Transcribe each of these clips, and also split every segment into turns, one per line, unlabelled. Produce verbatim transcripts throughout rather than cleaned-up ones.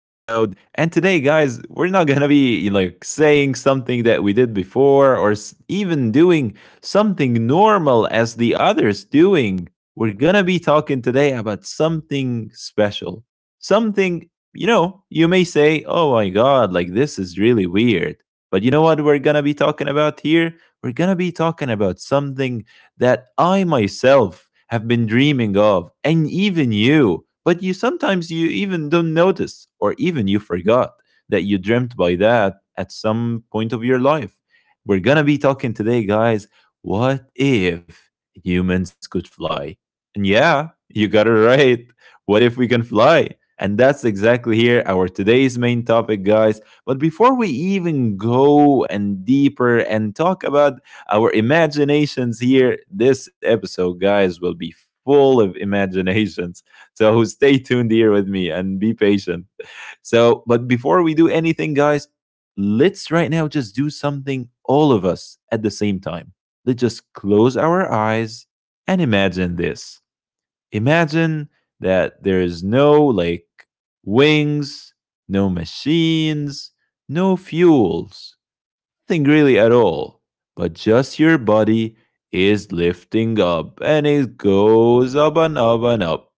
And today, guys, we're not gonna be like saying something that we did before or s- even doing something normal as the others doing. We're gonna be talking today about something special. Something, you know, you may say, oh my god, like this is really weird. But you know what we're gonna be talking about here? We're gonna be talking about something that I myself have been dreaming of, and even you. But you sometimes you even don't notice, or even you forgot that you dreamt by that at some point of your life. We're gonna be talking today, guys. What if humans could fly? And yeah, you got it right. What if we can fly? And that's exactly here our today's main topic, guys. But before we even go and deeper and talk about our imaginations here. This episode, guys, will be full of imaginations. So stay tuned here with me and be patient. So, but before we do anything, guys, let's right now just do something all of us at the same time. Let's just close our eyes and imagine this. Imagine that there is no like wings, no machines, no fuels, nothing really at all, but just your body is lifting up and it goes up and up and up.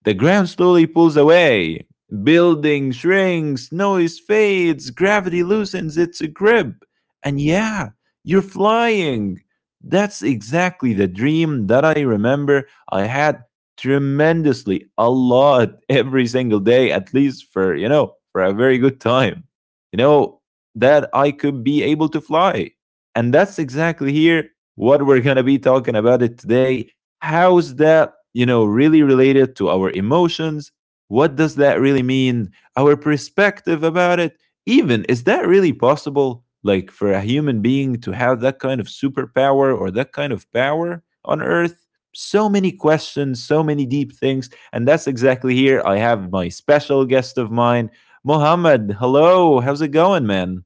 The ground slowly pulls away. Building shrinks, noise fades, gravity loosens its grip. And yeah, you're flying. That's exactly the dream that I remember I had tremendously a lot every single day, at least for, you know, for a very good time. You know that I could be able to fly. And that's exactly here what we're going to be talking about it today. How is that you know really related to our emotions? What does that really mean? Our perspective about it. Even, is that really possible, like for a human being to have that kind of superpower or that kind of power on earth? So many questions, so many deep things. And that's exactly here I have my special guest of mine, Mohammed. Hello, how's it going, man?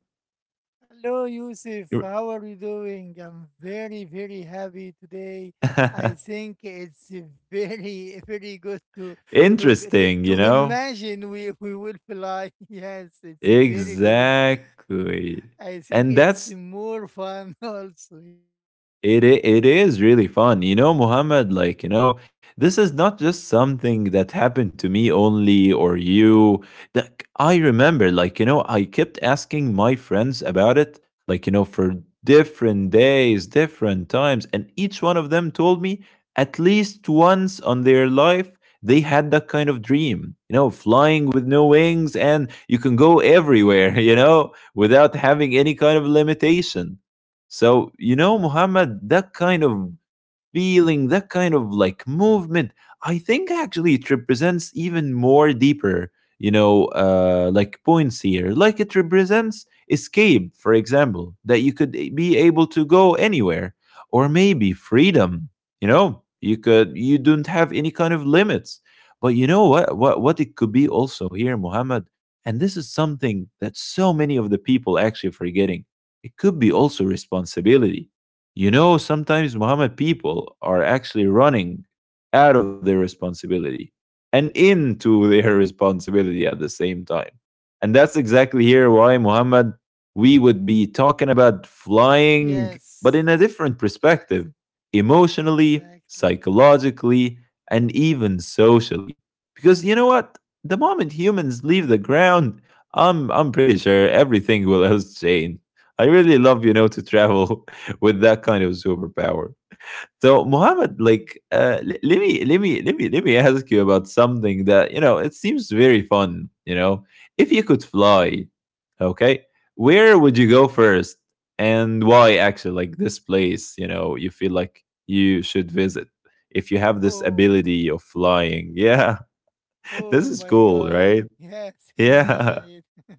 Hello, Yusuf.
You're-
How are you doing? I'm very, very happy today. I think it's a very, very good to to to,
Interesting, you
to
know.
imagine we we will fly. Yes, it's a very good. I
Exactly.
think it's
And that's—
more fun also. Yes,
It i- it is really
Y-
fun, you know, Muhammad. Like, you know,
yes,
this
Yusuf.
is not
You with
just
me?
something that happened to me only or you. That I remember, like, you know, I kept asking my friends about it, like, you know, for different days, different times, and each one of them told me at least once on their life they had that kind of dream. You know, flying with no wings, and you can go everywhere. You know, without having any kind of limitation. So, you know, Muhammad, that kind of feeling, that kind of like movement. I think actually it represents even more deeper, you know, uh, like points here. Like it represents escape, for example, that you could eh, be able to go anywhere, or maybe freedom. You know, you could you don't have any kind of limits. But you know what? What what it could be also here, Muhammad. And this is something that so many of the people actually forgetting. It could be also responsibility, you know. Sometimes, Muhammad, people are actually running out of their responsibility and into their responsibility at the same time. And that's exactly here why, Muhammad, we would be talking about flying, but
Yes,
in a different perspective, emotionally,
exactly.
psychologically, and even socially. Because you know what? The moment humans leave the ground, I'm, I'm pretty sure everything will else change. I really love, you know, to travel with that kind of superpower. So Muhammad,
Yeah.
like, uh, let me let me let me let me ask you about something that, you know, it seems very fun. You know, if you could fly, okay, where would you go first, and why? Actually, like this place, you know, you feel like you should visit if you have this
Oh.
ability of flying. Yeah,
Oh
this is
my
cool,
god.
right?
Yes,
Yeah.
imagine it.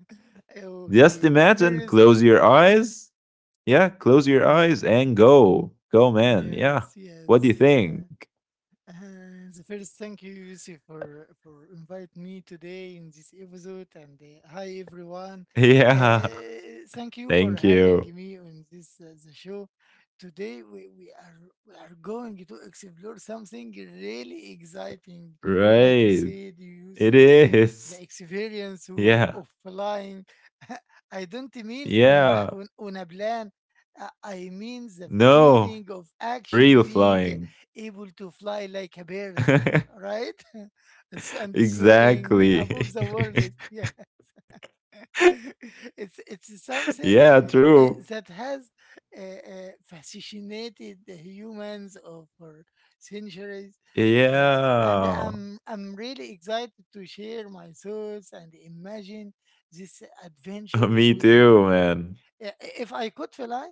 Just
Okay, the
imagine,
first.
close your eyes. Yeah, close your eyes and
Mhm.
go. Go, man. Yeah.
Yes,
What do
yes.
you
Uh,
think?
Uh, the first, thank you, Yusuf, for for inviting me today in this episode. And uh, hi, everyone.
Yeah.
Uh, thank you for
Thank
having
you.
me on this uh, the show. Today, we, we are we are going to explore something really exciting, like you
Right.
said,
It
Yusuf.
is.
The experience o-
Yeah.
of flying. I don't mean on a-
Yeah.
on on a plan. Uh, I mean the
No.
feeling of actually
Real
being
flying.
able to fly like a bird, right? S- and soaring
Exactly.
above the world. It- Yeah, it's it's something
Yeah,
uh, that
true.
has uh, uh, fascinated the humans over centuries, uh, and
Yeah.
I'm I'm really excited to share my thoughts and imagine these adventures
Me
with you.
too, man.
Yeah, i- if I could fly,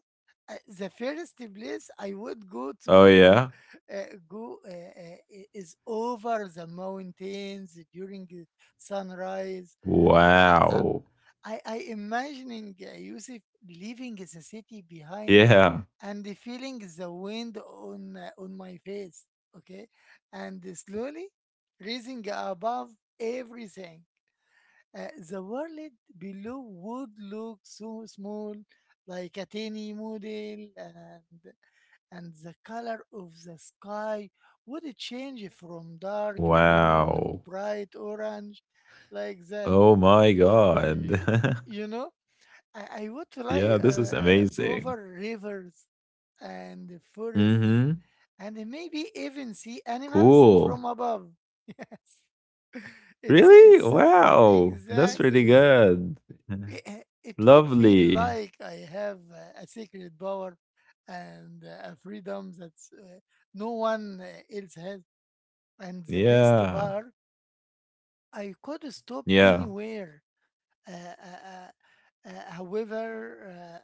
uh, the first place I would go
Oh,
to uh,
yeah.
uh, go uh, uh, i- is over the mountains during the sunrise. I I I,
Wow.
I I imagining uh, Yusuf leaving the city behind
Yeah.
and feeling the wind on uh, on my face. Okay, and slowly rising above everything. Uh, the world below would look so small, like a tiny model, and and the color of the sky would change from dark blue to
Wow.
bright orange, like that.
Oh, my God.
Y- You know, I, I would fly
Yeah,
uh,
this is
uh, over
amazing.
rivers and forests,
Mm-hmm.
and maybe even see animals from
Cool.
above. Yes, it's
Really?
it's
Wow. That's really
exactly
good.
it, it would feel
Lovely.
like I have uh, a secret power and uh, a freedom that uh, no one uh, else has. And the best
Yeah.
part, I could stop
Yeah.
anywhere. Uh, uh, uh, uh, however,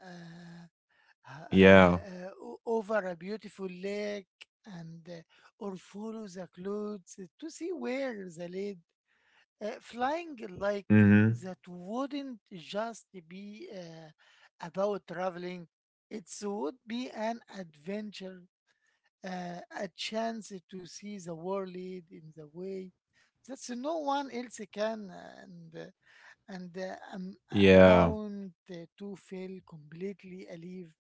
uh, uh,
Yeah.
uh, uh, o- over a beautiful lake and uh, or follow the clouds to see where the lead uh, flying like
Mm-hmm.
that wouldn't just be uh, about traveling. It would be an adventure, uh, a chance to see the world in the way that no one else can, and and uh, am- uh,
Yeah.
amount to feel completely alive.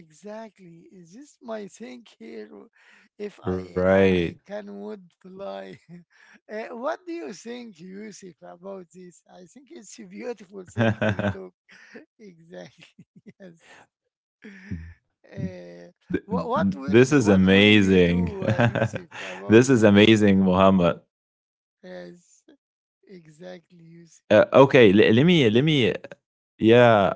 Exactly. Is this my thing here? W- If I I, I
Right.
can would fly. Eh, what do you think, Yusuf, about this? I think it's a beautiful thing we talk. Exactly. Yes. Uh,
Th-
what what
this
will
is
what will you
amazing.
do, uh, Yusuf, about
This is
this?
amazing, Muhammad.
Yes. Exactly, Yusuf.
Uh, okay, le- let me let me yeah,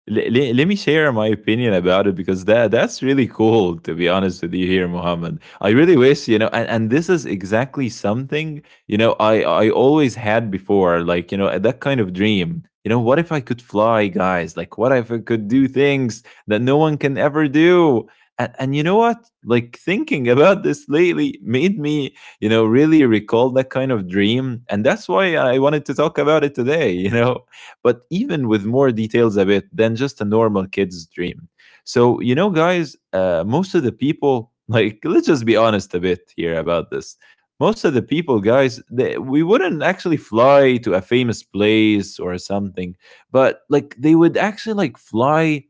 le- le- let me share my opinion about it, because that that's really cool to be honest with you here, Mohammed. I really wish, you know, and, and this is exactly something, you know, I I always had before, like, you know, that kind of dream. You know, what if I could fly, guys? Like, what if I could do things that no one can ever do? And, and you know what? Like, thinking about this lately made me, you know, really recall that kind of dream. And that's why I wanted to talk about it today, you know? But even with more details a bit than just a normal kid's dream. So, you know, guys, uh, most of the people, like, let's just be honest a bit here about this. Most of the people, guys, they, we wouldn't actually fly to a famous place or something, but like they would actually like fly.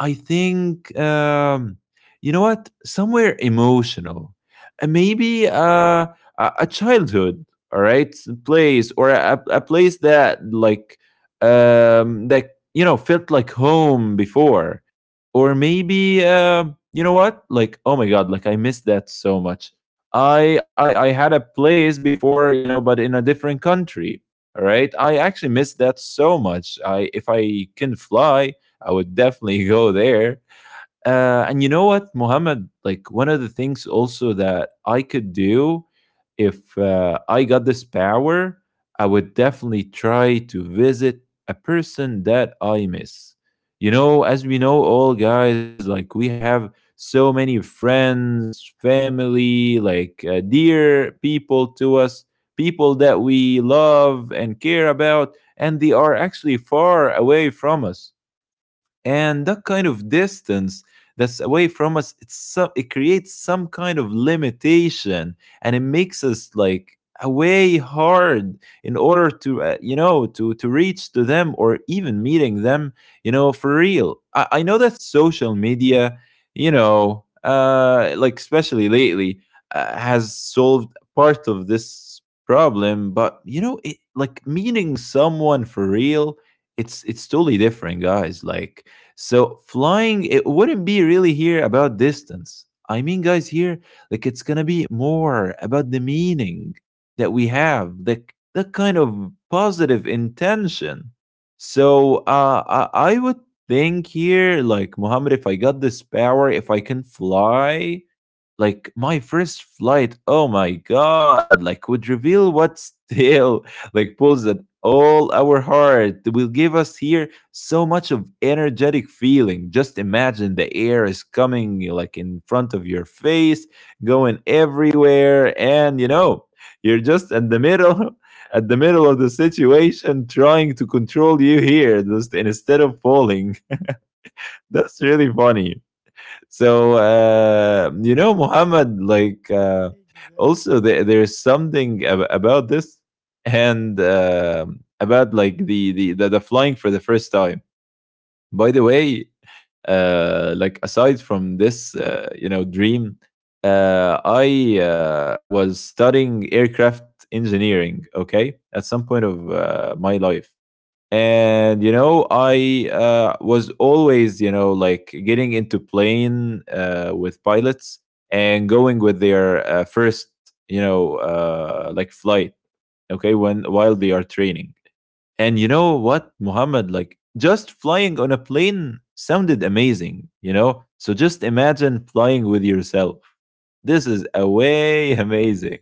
I think, um, you know what, somewhere emotional. Uh, maybe uh, a, a childhood, all right, place, or a, a place that, like, um, that, you know, felt like home before. Or maybe, uh, you know what? Like, oh my god, like, I missed that so much. I, I I had a place before, you know, but in a different country. All right, I actually missed that so much. I if I can fly, I would definitely go there. Uh, and you know what, Mohammed? Like, one of the things also that I could do if uh, I got this power, I would definitely try to visit a person that I miss. You know, as we know, all guys, like, we have so many friends, family, like, uh, dear people to us, people that we love and care about, and they are actually far away from us. And that kind of distance that's away from us, it's some— it creates some kind of limitation, and it makes us like away hard in order to, uh, you know, to to reach to them or even meeting them, you know, for real. I, I know that social media, you know, uh like especially lately, uh, has solved part of this problem. But, you know, it, like, meeting someone for real, it's it's totally different, guys. Like, so flying, it wouldn't be really here about distance. I mean, guys, here, like, it's gonna be more about the meaning that we have, the— that kind of positive intention. So uh i, I would think here, like, Muhammad, if I got this power, if I can fly, like, my first flight, oh my god, like, would reveal what still like pulls at all our heart, will give us here so much of energetic feeling. Just imagine the air is coming, like, in front of your face, going everywhere, and, you know, you're just at the middle at the middle of the situation trying to control you here just instead of falling. That's really funny. So uh, you know, Muhammad, like uh, also
Exactly.
there, there's something ab- about this, and uh, about like the, the the the flying for the first time. By the way, uh, like, aside from this, uh, you know, dream, uh, I uh, was studying aircraft engineering. Okay, at some point of uh, my life, and, you know, I uh, was always, you know, like, getting into plane uh, with pilots, and going with their uh, first, you know, uh, like, flight, okay, when while they are training. And you know what, Muhammad, like, just flying on a plane sounded amazing, you know. So just imagine flying with yourself, this is a way amazing.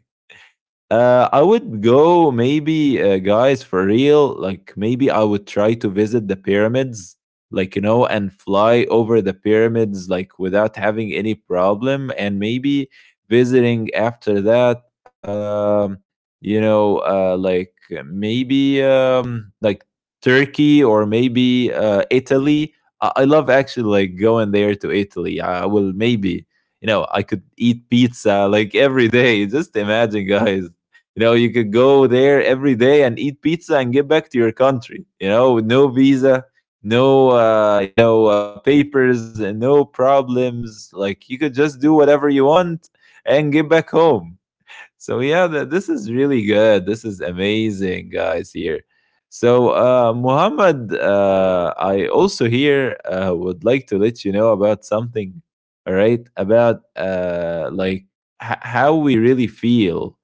uh, I would go maybe, uh, guys, for real. Like, maybe I would try to visit the pyramids, like, you know, and fly over the pyramids like without having any problem, and maybe visiting after that. Um, you know, uh, like, maybe um, like, Turkey or maybe uh, Italy. I-, I love, actually, like, going there to Italy. I I will maybe. You know, I could eat pizza like every day. Just imagine, guys. You know, you could go there every day and eat pizza and get back to your country, you know, with no visa, no uh, you know, uh, papers, and no problems. Like, you could just do whatever you want and get back home. So yeah, th- this is really good. This is amazing, guys. Here. So, uh, Muhammad, uh, I also here uh, would like to let you know about something, all right? About uh, like, h- how we really feel,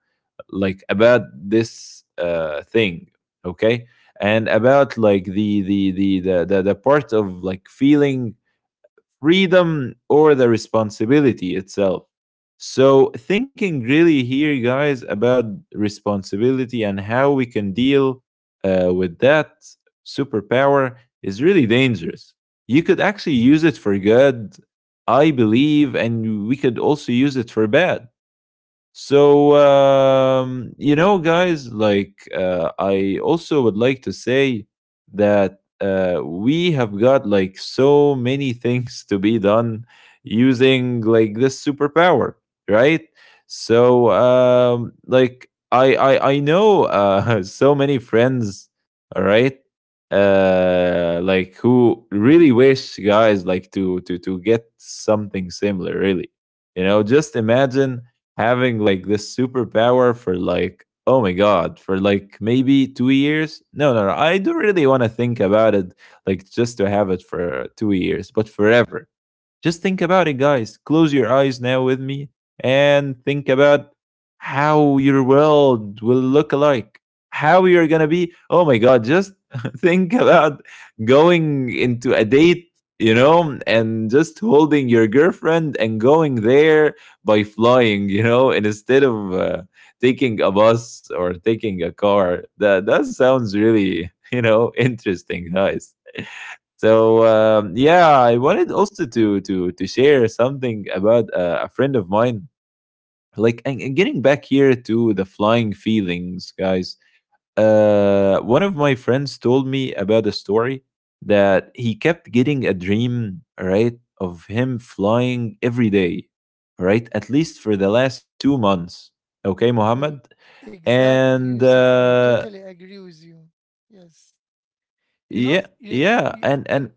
like, about this uh, thing, okay, and about like the the the the the, the part of like feeling freedom or the responsibility itself. So thinking really here, guys, about responsibility, and how we can deal, uh, with that superpower is really dangerous. You could actually use it for good, I believe, and we could also use it for bad. So, um, you know, guys, like, uh, I also would like to say that uh, we have got, like, so many things to be done using like this superpower, right? So um, like, I I I know, uh, so many friends, all right, uh, like, who really wish, guys, like, to to to get something similar, really. You know, just imagine having like this superpower for like oh my god for like maybe two years. No, no, no, I do really want to think about it, like, just to have it for two years, but forever. Just think about it, guys. Close your eyes now with me and think about how your world will look like, how you're gonna be. Oh my god, just think about going into a date, you know, and just holding your girlfriend and going there by flying, you know, and instead of uh, taking a bus or taking a car. That that sounds really, you know, interesting, guys. So um, yeah, I wanted also to to to share something about uh, a friend of mine. Like, and, and getting back here to the flying feelings, guys. Uh, one of my friends told me about a story that he kept getting a dream, right, of him flying every day, right, at least for the last two months. Okay, Mohammed,
Eh, Exactly,
and
Yusuf. I
uh,
totally agree with you. Yes. You know,
yeah,
you,
yeah,
you
and and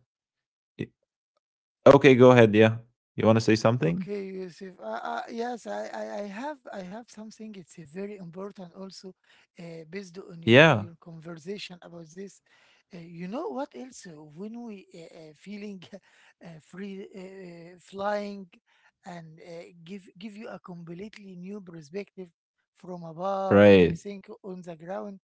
okay, go ahead. Yeah, you want to say something?
Okay, Yusuf. Uh, uh, yes, I, I, I have I have something. It's a very important also, uh, based on your
Yeah,
your conversation about this. Uh, you know what else? uh, When we uh, uh, feeling uh, free uh, uh, flying, and uh, give give you a completely new perspective from above.
right.
Everything on the ground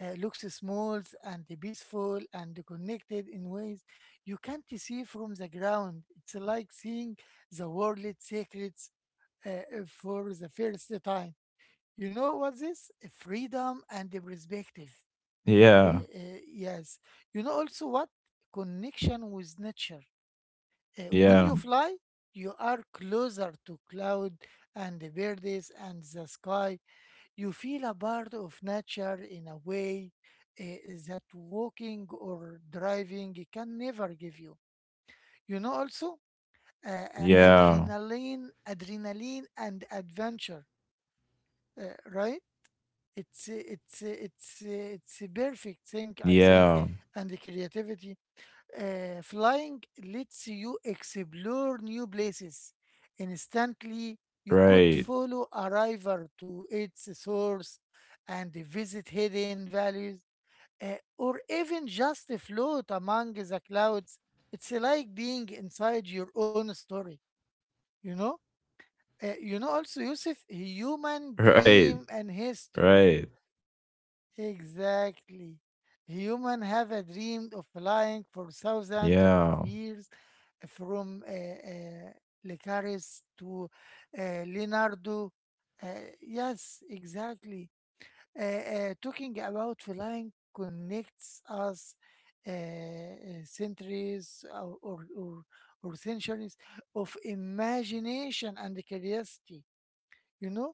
uh, looks small and peaceful and connected in ways you can't see from the ground. It's like seeing the world's secrets uh, uh, for the first time. You know what this? Freedom and the perspective.
Yeah,
Uh, uh, yes. You know also what? Connection with nature.
yeah,
Uh, when you fly, you are closer to cloud and the birds and the sky. You feel a part of nature in a way uh, that walking or driving can never give you. You know also uh, uh,
yeah,
adrenaline, adrenaline and adventure, uh, right? It's uh, it's uh, it's uh, it's a perfect thing, I
yeah,
think, and the creativity. Uh, flying lets you explore new places instantly. You
right,
could follow a river to its source and visit hidden valleys, uh, or even just float among the clouds. It's like being inside your own story, you know? Uh, you know, also, Yusuf, human
right,
dream and
right.
history. Exactly. Human have a dream of
Yeah,
flying for thousands of years, eh, from uh, uh, Lucaris to uh, Leonardo. Uh, yes, exactly. Uh,
yeah.
uh, talking about flying connects us uh, uh, centuries or, or, or, or centuries of imagination and curiosity, you know?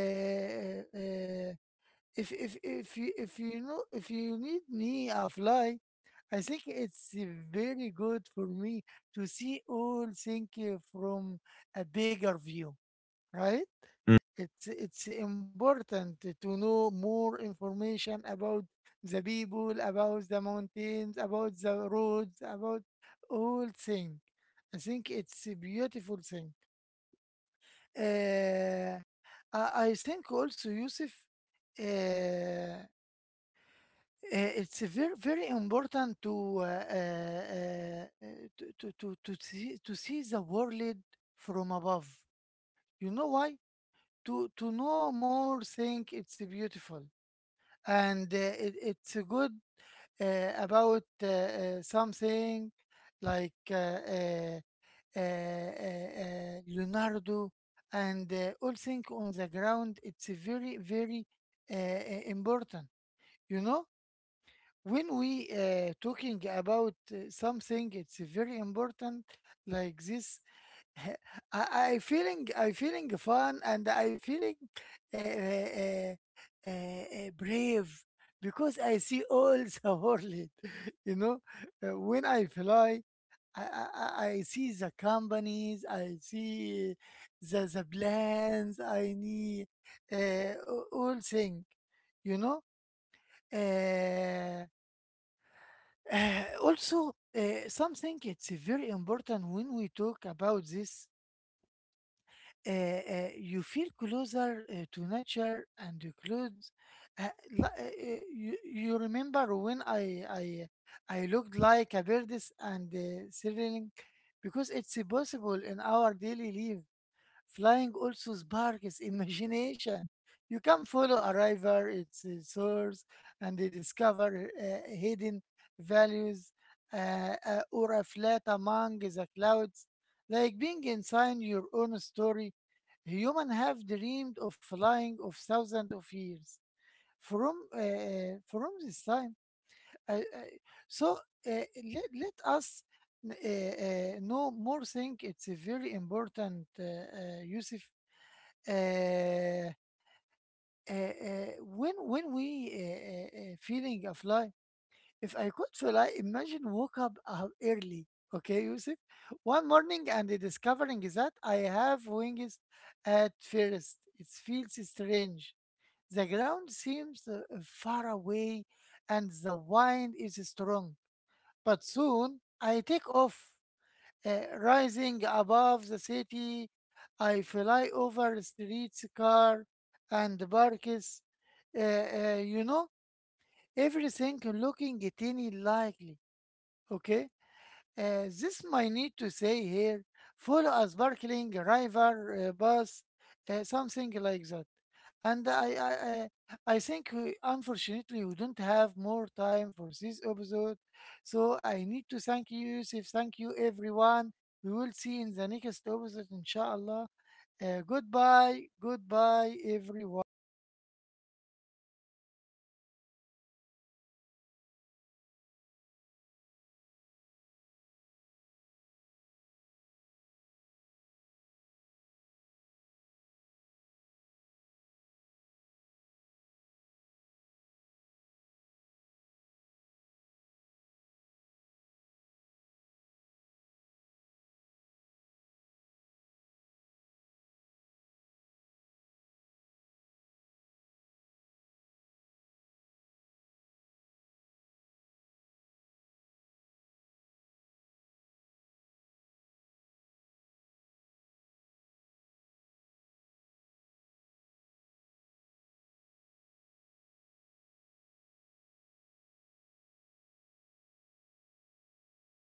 Mm-hmm.
uh, if if if you if you know if you need me, I fly. I think it's uh, very good for me to see all things uh, from a bigger view, right? It's it's important to know more information about the people, about the mountains,
Mm-hmm.
about the roads, about all things. I think it's a beautiful thing. Uh, I I think also, Yusuf, uh, uh,
Yeah.
it's a very very important to uh, uh, uh, to, to, to, to see to see the world from above. You know why? To to know more, think it's beautiful, and uh, it,
Mm-hmm.
it's good uh, about uh, uh, something like uh, uh, uh, uh, uh, Leonardo, and uh, all things on the ground. It's a very, very
Yeah.
uh, uh, important. You know, when we uh, talking about uh, something, it's very important. Like this, I, I feeling, I feeling fun, and I feeling uh, uh,
Mm-hmm.
uh, uh, brave because I see all the world. You know, uh, when I fly. I, I, I I see the companies, I see the, the plans, I need uh, a- all thing, you know. Uh, uh, Also, uh, something it's very important when we talk about
Yeah.
this, uh, uh, you feel closer uh, to nature and the clothes. Uh, li- uh, uh, you, you remember when I, I I looked like a bird and uh, sailing because it's possible in our daily life. Flying also sparks imagination. You can follow a river, its uh, source, and they discover uh, hidden values, uh, uh, or a flat among the
Mm-hmm.
clouds. Like being inside your own story, humans have dreamed of flying of thousands of years. From uh, uh, from this time, I, I, so uh, let, let us n- uh, uh, no more think it's a very important, uh, uh, Yusuf, uh, uh, uh,
Yeah.
when when we uh, uh, uh, feeling of life. If I could fly, imagine woke up uh, early, okay, Yusuf, one morning and discovering that I have wings. At first it feels strange, the ground seems uh, far away, and the wind is strong, but soon I take off, uh, rising above the city,
Mm-hmm.
I fly over streets, car, and parks. Uh, uh, you know, everything looking tiny likely. Okay. Uh, this might need to say here, follow a sparkling river uh, bus, uh, something like that. And I, I, I I think we,
Yeah.
unfortunately we don't have more time for this episode. So I need to thank you, Yusuf. Thank you, everyone. We will see in the next episode, inshallah. Uh, goodbye, goodbye, everyone.
Yeah. Okay. Yep. All right, everyone. So uh, I think, like, that this is amazing, and uh, I really think, you know, uh, that that was really good here, Mohammed. And I think actually like uh, we uh, reached the end of our today's episode. So uh, thank you so much, everyone here. Really hope you have a very great day and have a wonderful day. Thank you so much. Take care, stay safe, and bye bye. Yeah, see you soon in the next episode.